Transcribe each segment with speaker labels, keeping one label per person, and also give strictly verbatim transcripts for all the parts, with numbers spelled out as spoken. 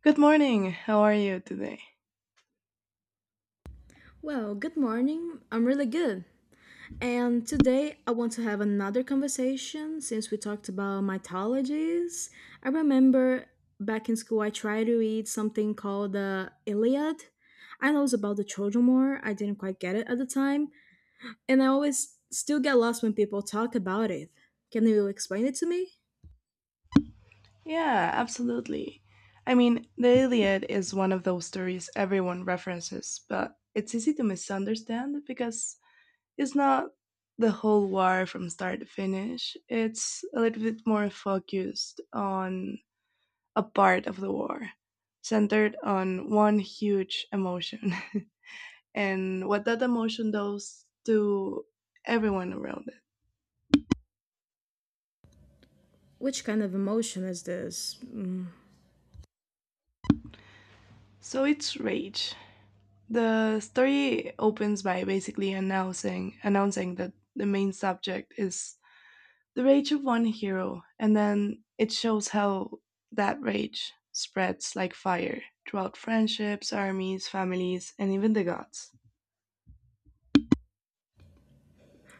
Speaker 1: Good morning. How are you today?
Speaker 2: Well, good morning. I'm really good. And today I want to have another conversation since we talked about mythologies. I remember back in school I tried to read something called the Iliad. I know it's about the Trojan War. I didn't quite get it at the time, and I always still get lost when people talk about it. Can you explain it to me?
Speaker 1: Yeah, absolutely. I mean, the Iliad is one of those stories everyone references, but it's easy to misunderstand because it's not the whole war from start to finish. It's a little bit more focused on a part of the war, centered on one huge emotion and what that emotion does to everyone around it.
Speaker 2: Which kind of emotion is this? Mm.
Speaker 1: So it's rage. The story opens by basically announcing announcing that the main subject is the rage of one hero, and then it shows how that rage spreads like fire throughout friendships, armies, families, and even the gods.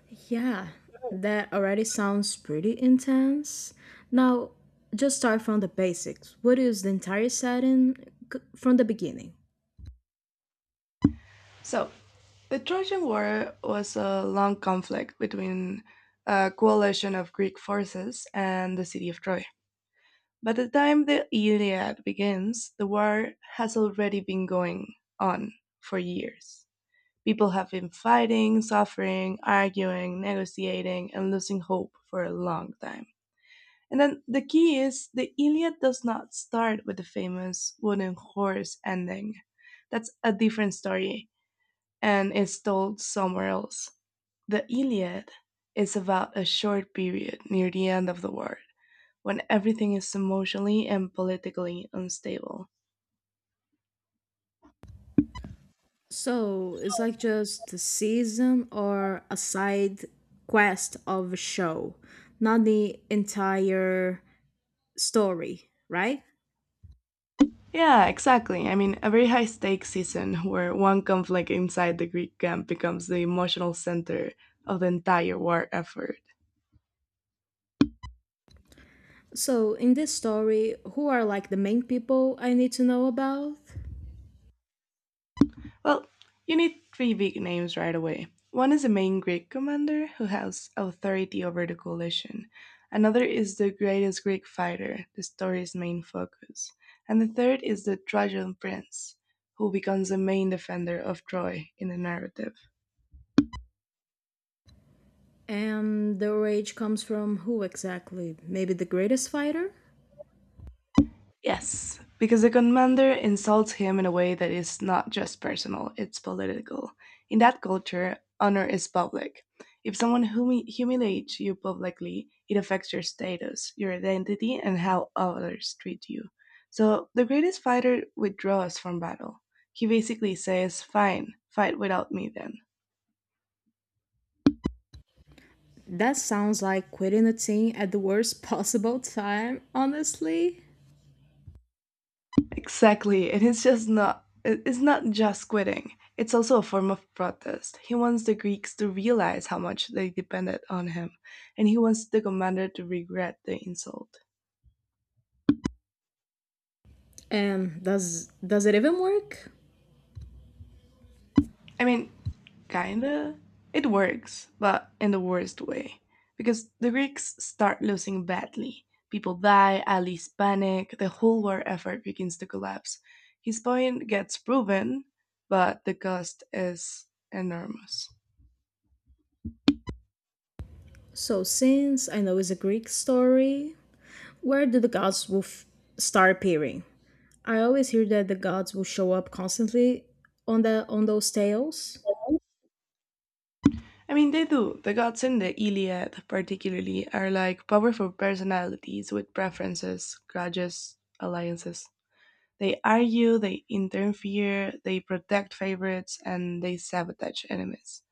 Speaker 2: Yeah, that already sounds pretty intense. Now, just start from the basics. What is the entire setting c- from the beginning?
Speaker 1: So, the Trojan War was a long conflict between a coalition of Greek forces and the city of Troy. By the time the Iliad begins, the war has already been going on for years. People have been fighting, suffering, arguing, negotiating, and losing hope for a long time. And then the key is the Iliad does not start with the famous wooden horse ending. That's a different story and is told somewhere else. The Iliad is about a short period near the end of the world when everything is emotionally and politically unstable.
Speaker 2: So, it's like just a season or a side quest of a show, not the entire story, right?
Speaker 1: Yeah, exactly. I mean, a very high stakes season where one conflict inside the Greek camp becomes the emotional center of the entire war effort.
Speaker 2: So, in this story, who are like the main people I need to know about?
Speaker 1: Well, you need three big names right away. One is the main Greek commander who has authority over the coalition. Another is the greatest Greek fighter, the story's main focus. And the third is the Trojan prince, who becomes the main defender of Troy in the narrative.
Speaker 2: And their rage comes from who exactly? Maybe the greatest fighter?
Speaker 1: Yes, because the commander insults him in a way that is not just personal, it's political. In that culture, honor is public. If someone humi- humiliates you publicly, it affects your status, your identity, and how others treat you. So the greatest fighter withdraws from battle. He basically says, "Fine, fight without me then."
Speaker 2: That sounds like quitting a team at the worst possible time, honestly.
Speaker 1: Exactly. It is just not it- it's not just quitting. It's also a form of protest. He wants the Greeks to realize how much they depended on him, and he wants the commander to regret the insult.
Speaker 2: and does does it even work?
Speaker 1: I mean, kinda. It works, but in the worst way. Because the Greeks start losing badly. People die, allies panic, the whole war effort begins to collapse. His point gets proven, but the cost is enormous.
Speaker 2: So since I know it's a Greek story, where do the gods will f- start appearing? I always hear that the gods will show up constantly on the on those tales.
Speaker 1: I mean, they do. The gods in the Iliad, particularly, are like powerful personalities with preferences, grudges, alliances. They argue, they interfere, they protect favorites, and they sabotage enemies.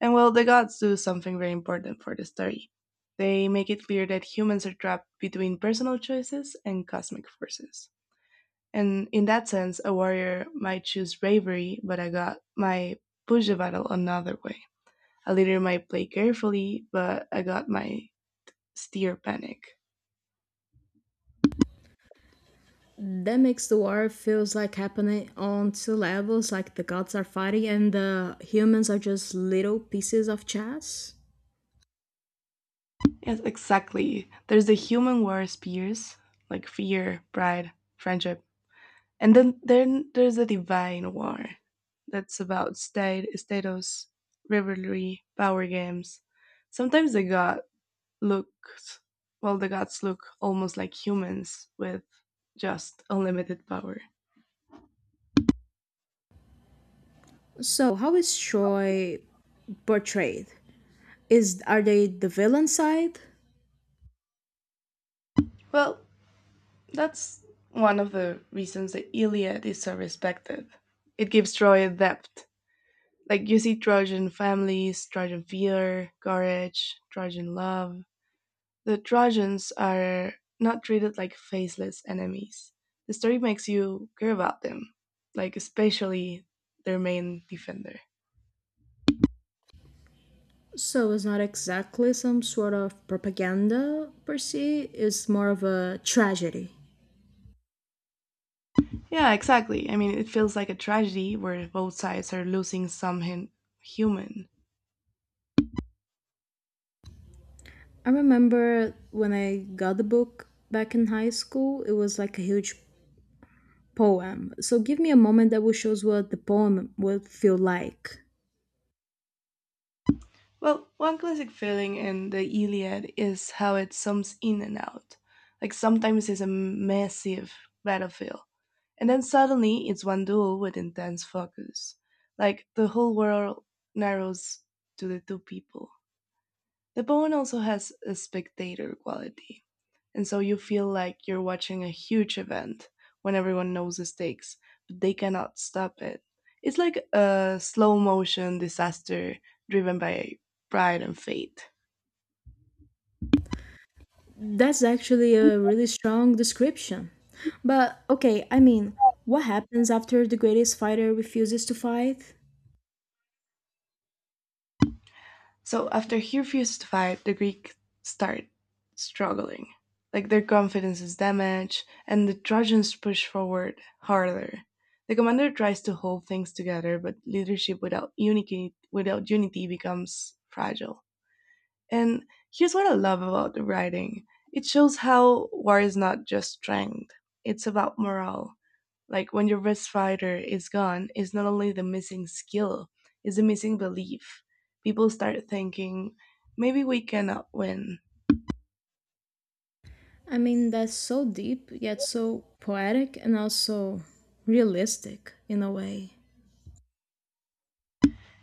Speaker 1: And well, the gods do something very important for the story. They make it clear that humans are trapped between personal choices and cosmic forces. And in that sense, a warrior might choose bravery, but a god might push the battle another way. A leader might play carefully, but I got my steer panic.
Speaker 2: That makes the war feels like happening on two levels, like the gods are fighting and the humans are just little pieces of chess.
Speaker 1: Yes, exactly. There's the human worst fears, like fear, pride, friendship. And then, then there's the divine war. That's about state, status, rivalry, power games. Sometimes the god looks, well, the gods look almost like humans with just unlimited power.
Speaker 2: So how is Troy portrayed? Is are they the villain side?
Speaker 1: Well, that's one of the reasons the Iliad is so respected. It gives Troy a depth. Like you see Trojan families, Trojan fear, courage, Trojan love. The Trojans are not treated like faceless enemies. The story makes you care about them, like especially their main defender.
Speaker 2: So it's not exactly some sort of propaganda per se. It's more of a tragedy.
Speaker 1: Yeah, exactly. I mean, it feels like a tragedy where both sides are losing some hin- human.
Speaker 2: I remember when I got the book back in high school, it was like a huge poem. So give me a moment that will shows what the poem would feel like.
Speaker 1: Well, one classic feeling in the Iliad is how it sums in and out. Like sometimes it's a massive battlefield, and then suddenly it's one duel with intense focus. Like the whole world narrows to the two people. The Bowen also has a spectator quality, and so you feel like you're watching a huge event when everyone knows the stakes, but they cannot stop it. It's like a slow motion disaster driven by pride and fate.
Speaker 2: That's actually a really strong description. But okay, I mean, what happens after the greatest fighter refuses to fight?
Speaker 1: So after he refused to fight, the Greeks start struggling. Like their confidence is damaged, and the Trojans push forward harder. The commander tries to hold things together, but leadership without unity without unity becomes fragile. And here's what I love about the writing. It shows how war is not just strength, it's about morale, like when your best fighter is gone, it's not only the missing skill, it's the missing belief. People start thinking maybe we cannot win.
Speaker 2: I mean, that's so deep, yet so poetic and also realistic in a way.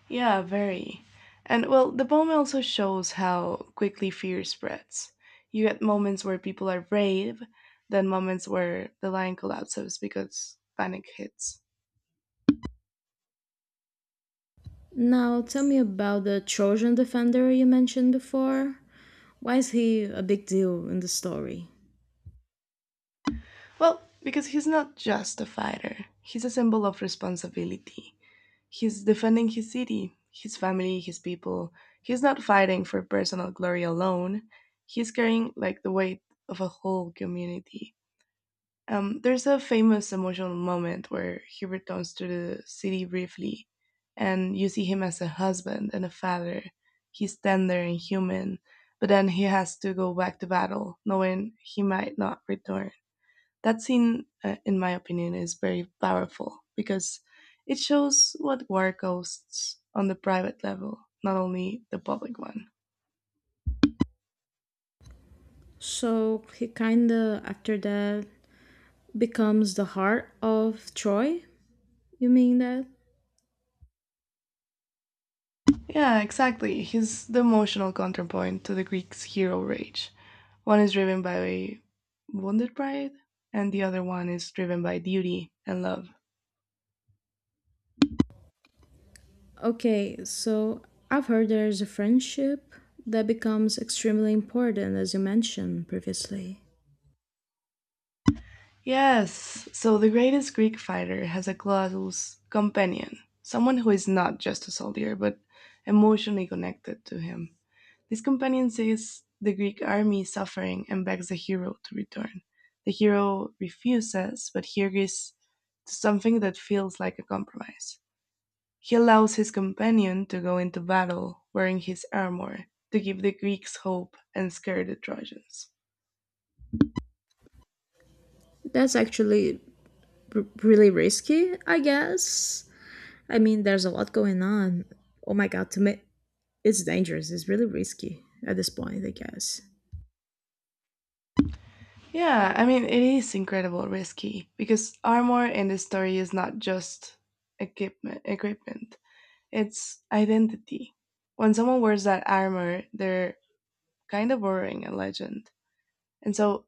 Speaker 1: Yeah, very. And well, the poem also shows how quickly fear spreads. You get moments where people are brave, then moments where the lion collapses because panic hits.
Speaker 2: Now, tell me about the Trojan defender you mentioned before. Why is he a big deal in the story?
Speaker 1: Well, because he's not just a fighter, he's a symbol of responsibility. He's defending his city, his family, his people. He's not fighting for personal glory alone. He's carrying like the weight of a whole community. Um, there's a famous emotional moment where he returns to the city briefly, and you see him as a husband and a father. He's tender and human, but then he has to go back to battle, knowing he might not return. That scene, uh, in my opinion, is very powerful because it shows what war costs on the private level, not only the public one.
Speaker 2: So, he kinda, after that, becomes the heart of Troy? You mean that?
Speaker 1: Yeah, exactly. He's the emotional counterpoint to the Greeks' hero rage. One is driven by wounded pride, and the other one is driven by duty and love.
Speaker 2: Okay, so I've heard there's a friendship that becomes extremely important, as you mentioned previously.
Speaker 1: Yes, so the greatest Greek fighter has a close companion, someone who is not just a soldier, but emotionally connected to him. This companion sees the Greek army suffering and begs the hero to return. The hero refuses, but he agrees to something that feels like a compromise. He allows his companion to go into battle wearing his armor to give the Greeks hope and scare the Trojans.
Speaker 2: That's actually r- really risky, I guess. I mean, there's a lot going on. Oh my god, to me, it's dangerous. It's really risky at this point, I guess.
Speaker 1: Yeah, I mean, it is incredible risky because armor in the story is not just equipment, equipment. It's identity. When someone wears that armor, they're kind of boring and legend. And so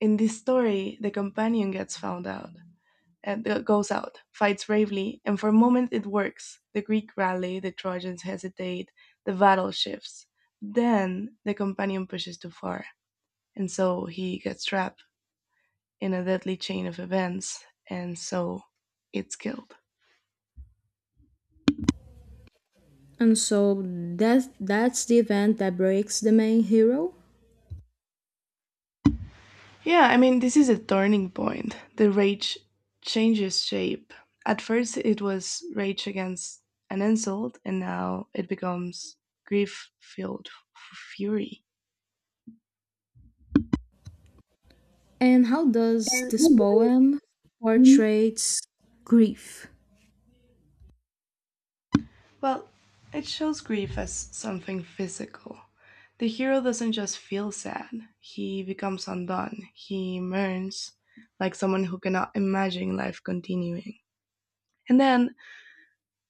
Speaker 1: in this story, the companion gets found out and uh, goes out, fights bravely, and for a moment it works. The Greek rally, the Trojans hesitate, the battle shifts. Then the companion pushes too far, and so he gets trapped in a deadly chain of events, and so it's killed.
Speaker 2: And so that that's the event that breaks the main hero.
Speaker 1: Yeah, I mean, this is a turning point. The rage changes shape. At first, it was rage against an insult, and now it becomes grief filled f- fury.
Speaker 2: And how does this poem portrays grief?
Speaker 1: Well, it shows grief as something physical. The hero doesn't just feel sad, he becomes undone. He mourns like someone who cannot imagine life continuing. And then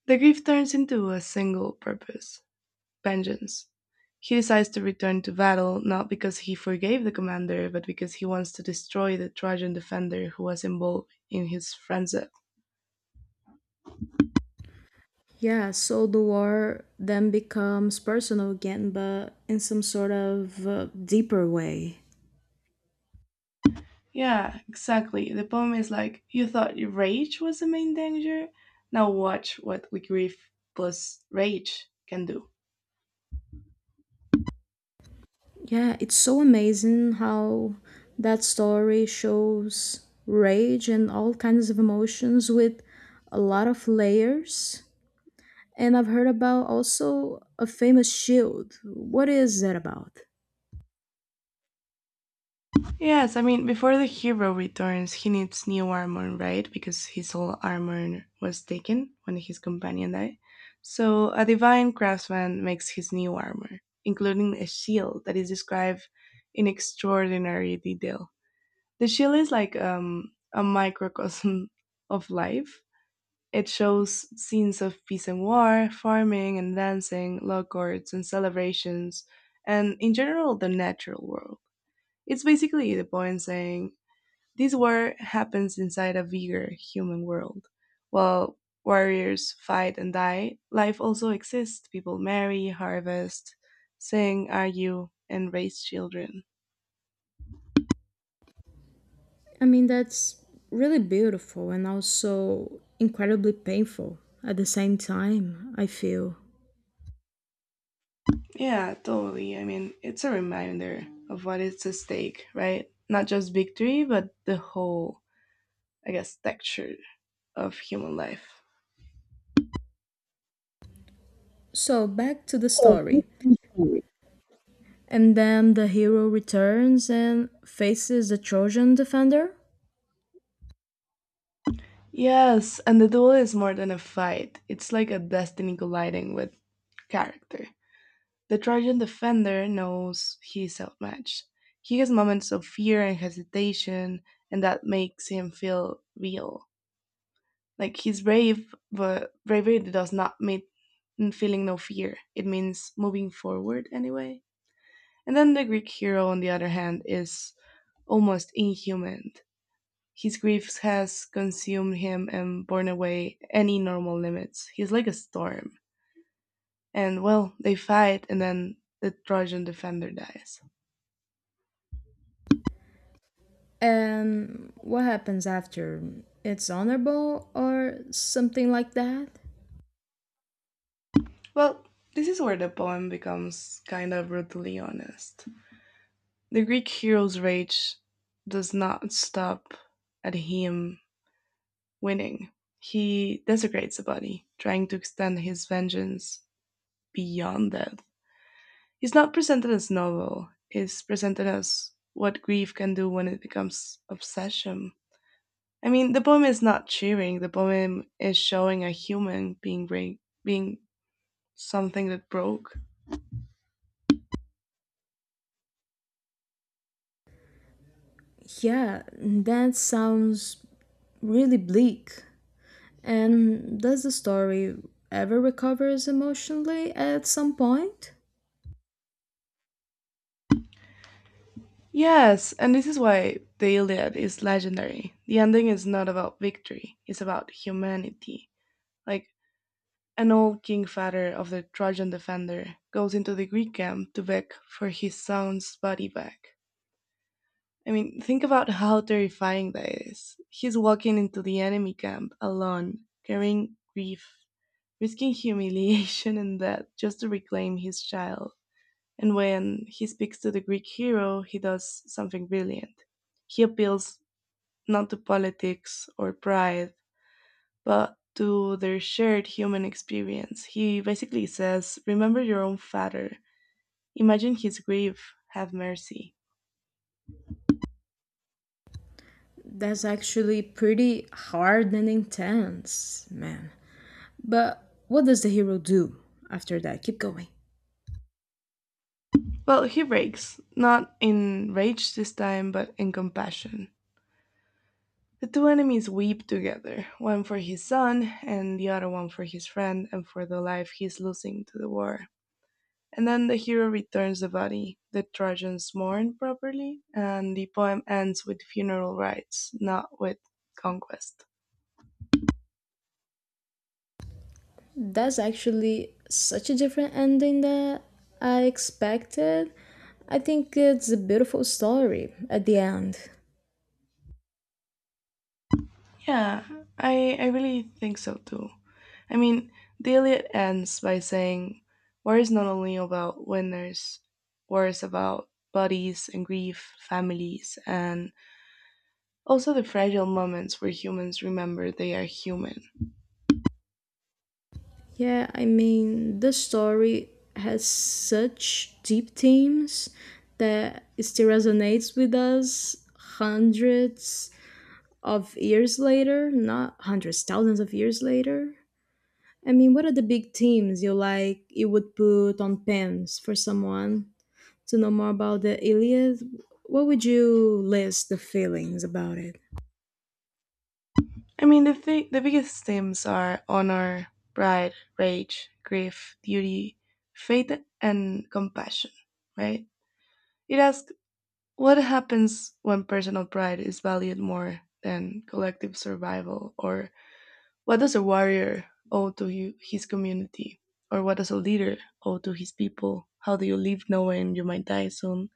Speaker 1: the grief turns into a single purpose, vengeance. He decides to return to battle not because he forgave the commander, but because he wants to destroy the Trojan defender who was involved in his frenzy.
Speaker 2: Yeah, so the war then becomes personal again, but in some sort of uh, deeper way.
Speaker 1: Yeah, exactly. The poem is like, you thought your rage was the main danger? Now watch what we grief plus rage can do.
Speaker 2: Yeah, it's so amazing how that story shows rage and all kinds of emotions with a lot of layers. And I've heard about also a famous shield. What is that about?
Speaker 1: Yes, I mean, before the hero returns, he needs new armor, right? Because his old armor was taken when his companion died. So, a divine craftsman makes his new armor, including a shield that is described in extraordinary detail. The shield is like um, a microcosm of life. It shows scenes of peace and war, farming and dancing, law courts and celebrations, and in general, the natural world. It's basically the poem saying, this war happens inside a bigger human world. While warriors fight and die, life also exists. People marry, harvest, sing, argue, and raise children.
Speaker 2: I mean, that's really beautiful and also incredibly painful at the same time, I feel.
Speaker 1: Yeah, totally. I mean, it's a reminder of what is at stake, right? Not just victory, but the whole, I guess, texture of human life.
Speaker 2: So, back to the story. And then the hero returns and faces the Trojan defender?
Speaker 1: Yes, and the duel is more than a fight. It's like a destiny colliding with character. The Trojan defender knows he is outmatched. He has moments of fear and hesitation, and that makes him feel real. Like he's brave, but bravery does not mean feeling no fear. It means moving forward anyway. And then the Greek hero, on the other hand, is almost inhuman. His grief has consumed him and borne away any normal limits. He's like a storm. And well, they fight, and then the Trojan defender dies.
Speaker 2: And what happens after? It's honorable or something like that?
Speaker 1: Well, this is where the poem becomes kind of brutally honest. The Greek hero's rage does not stop at him winning. He desecrates a body, trying to extend his vengeance beyond death. It's not presented as novel, it's presented as what grief can do when it becomes obsession. I mean, the poem is not cheering, the poem is showing a human being, break, being something that broke.
Speaker 2: Yeah, that sounds really bleak. And does the story ever recovers emotionally at some point?
Speaker 1: Yes, and this is why the Iliad is legendary. The ending is not about victory, it's about humanity. Like, an old king father of the Trojan defender goes into the Greek camp to beg for his son's body back. I mean, think about how terrifying that is. He's walking into the enemy camp alone, carrying grief, risking humiliation and death just to reclaim his child. And when he speaks to the Greek hero, he does something brilliant. He appeals not to politics or pride, but to their shared human experience. He basically says, "Remember your own father, imagine his grief, have mercy."
Speaker 2: That's actually pretty hard and intense, man. But what does the hero do after that? Keep going.
Speaker 1: Well, he breaks, not in rage this time, but in compassion. The two enemies weep together, one for his son and the other one for his friend and for the life he's losing to the war. And then the hero returns the body. The Trojans mourn properly, and the poem ends with funeral rites, not with conquest.
Speaker 2: That's actually such a different ending that I expected. I think it's a beautiful story at the end.
Speaker 1: Yeah, I, I really think so too. I mean, the Iliad ends by saying, war is not only about winners, war is about bodies and grief, families, and also the fragile moments where humans remember they are human.
Speaker 2: Yeah, I mean, the story has such deep themes that it still resonates with us hundreds of years later, not hundreds, thousands of years later. I mean, what are the big themes you like you would put on pens for someone to know more about the Iliad? What would you list the feelings about it?
Speaker 1: I mean, the thing, the biggest themes are honor, pride, rage, grief, duty, faith, and compassion. Right? It asks what happens when personal pride is valued more than collective survival, or what does a warrior owe to you, his community, or what does a leader owe to his people? How do you live knowing you might die soon?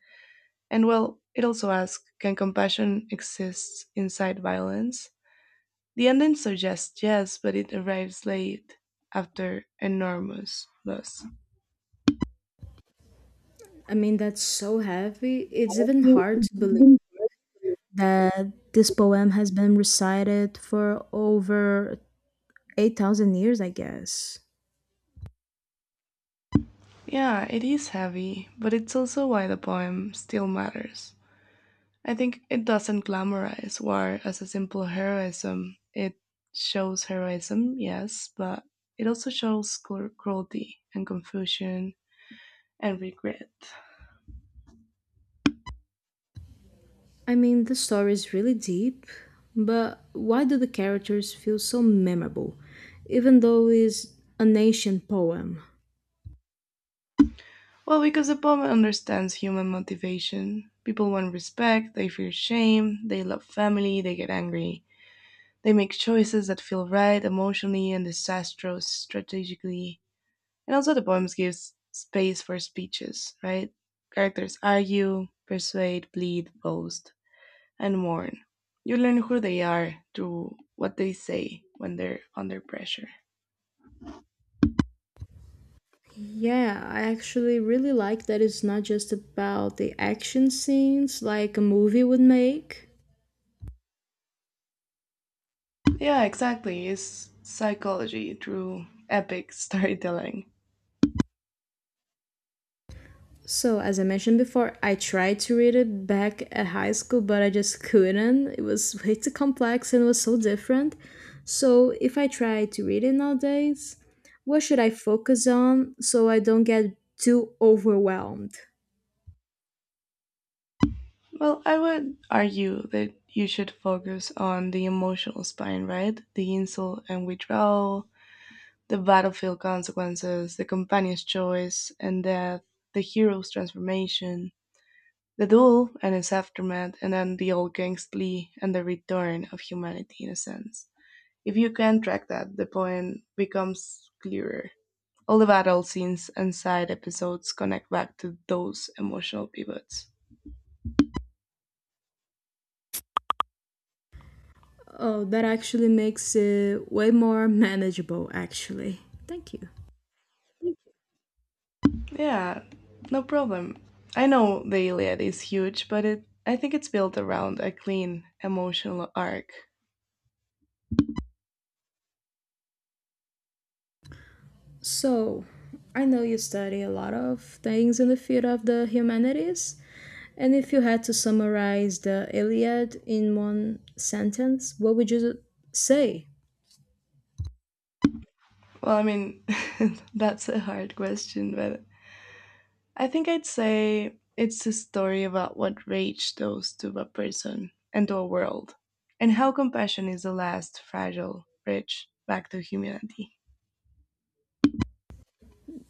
Speaker 1: And well, it also asks, can compassion exist inside violence? The ending suggests yes, but it arrives late after enormous loss.
Speaker 2: I mean, that's so heavy. It's
Speaker 1: It-
Speaker 2: even hard
Speaker 1: It's
Speaker 2: to believe
Speaker 1: even.
Speaker 2: that this poem has been recited for over eight thousand years, I guess.
Speaker 1: Yeah, it is heavy, but it's also why the poem still matters. I think it doesn't glamorize war as a simple heroism. It shows heroism, yes, but it also shows cru- cruelty and confusion and regret.
Speaker 2: I mean, the story is really deep, but why do the characters feel so memorable, even though it's an ancient poem?
Speaker 1: Well, because the poem understands human motivation. People want respect, they fear shame, they love family, they get angry. They make choices that feel right emotionally and disastrous strategically. And also, the poems gives space for speeches, right? Characters argue, persuade, plead, boast, and mourn. You learn who they are through what they say when they're under pressure.
Speaker 2: Yeah, I actually really like that it's not just about the action scenes like a movie would make.
Speaker 1: Yeah, exactly. It's psychology through epic storytelling.
Speaker 2: So, as I mentioned before, I tried to read it back at high school, but I just couldn't. It was way too complex and it was so different. So, if I try to read it nowadays, what should I focus on so I don't get too overwhelmed?
Speaker 1: Well, I would argue that you should focus on the emotional spine, right? The insult and withdrawal, the battlefield consequences, the companion's choice and death, the hero's transformation, the duel and its aftermath, and then the old gang's plea and the return of humanity in a sense. If you can track that, the poem becomes clearer. All the battle scenes and side episodes connect back to those emotional pivots.
Speaker 2: Oh, that actually makes it way more manageable, actually. Thank you.
Speaker 1: Yeah, no problem. I know the Iliad is huge, but it I think it's built around a clean emotional arc.
Speaker 2: So, I know you study a lot of things in the field of the humanities, and if you had to summarize the Iliad in one sentence, what would you say?
Speaker 1: Well, I mean, that's a hard question, but I think I'd say it's a story about what rage does to a person and to a world, and how compassion is the last fragile bridge back to humanity.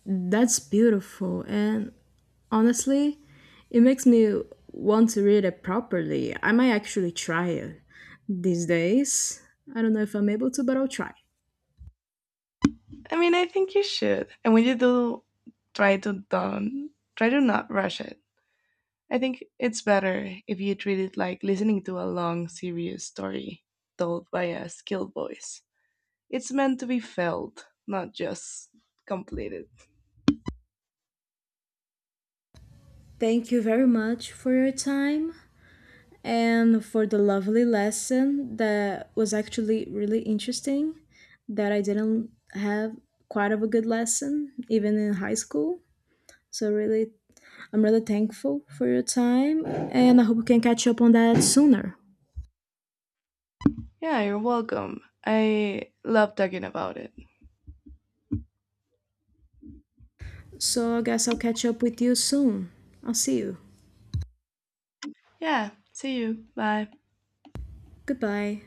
Speaker 2: That's beautiful, and honestly, it makes me want to read it properly. I might actually try it these days. I don't know if I'm able to, but I'll try.
Speaker 1: I mean, I think you should, and when you do, try to don't try to not rush it. I think it's better if you treat it like listening to a long, serious story told by a skilled voice. It's meant to be felt, not just completed.
Speaker 2: Thank you very much for your time, and for the lovely lesson that was actually really interesting, that I didn't have quite of a good lesson even in high school. So really, I'm really thankful for your time and I hope we can catch up on that sooner.
Speaker 1: Yeah, you're welcome. I love talking about it.
Speaker 2: So I guess I'll catch up with you soon. I'll see you.
Speaker 1: Yeah, see you. Bye.
Speaker 2: Goodbye.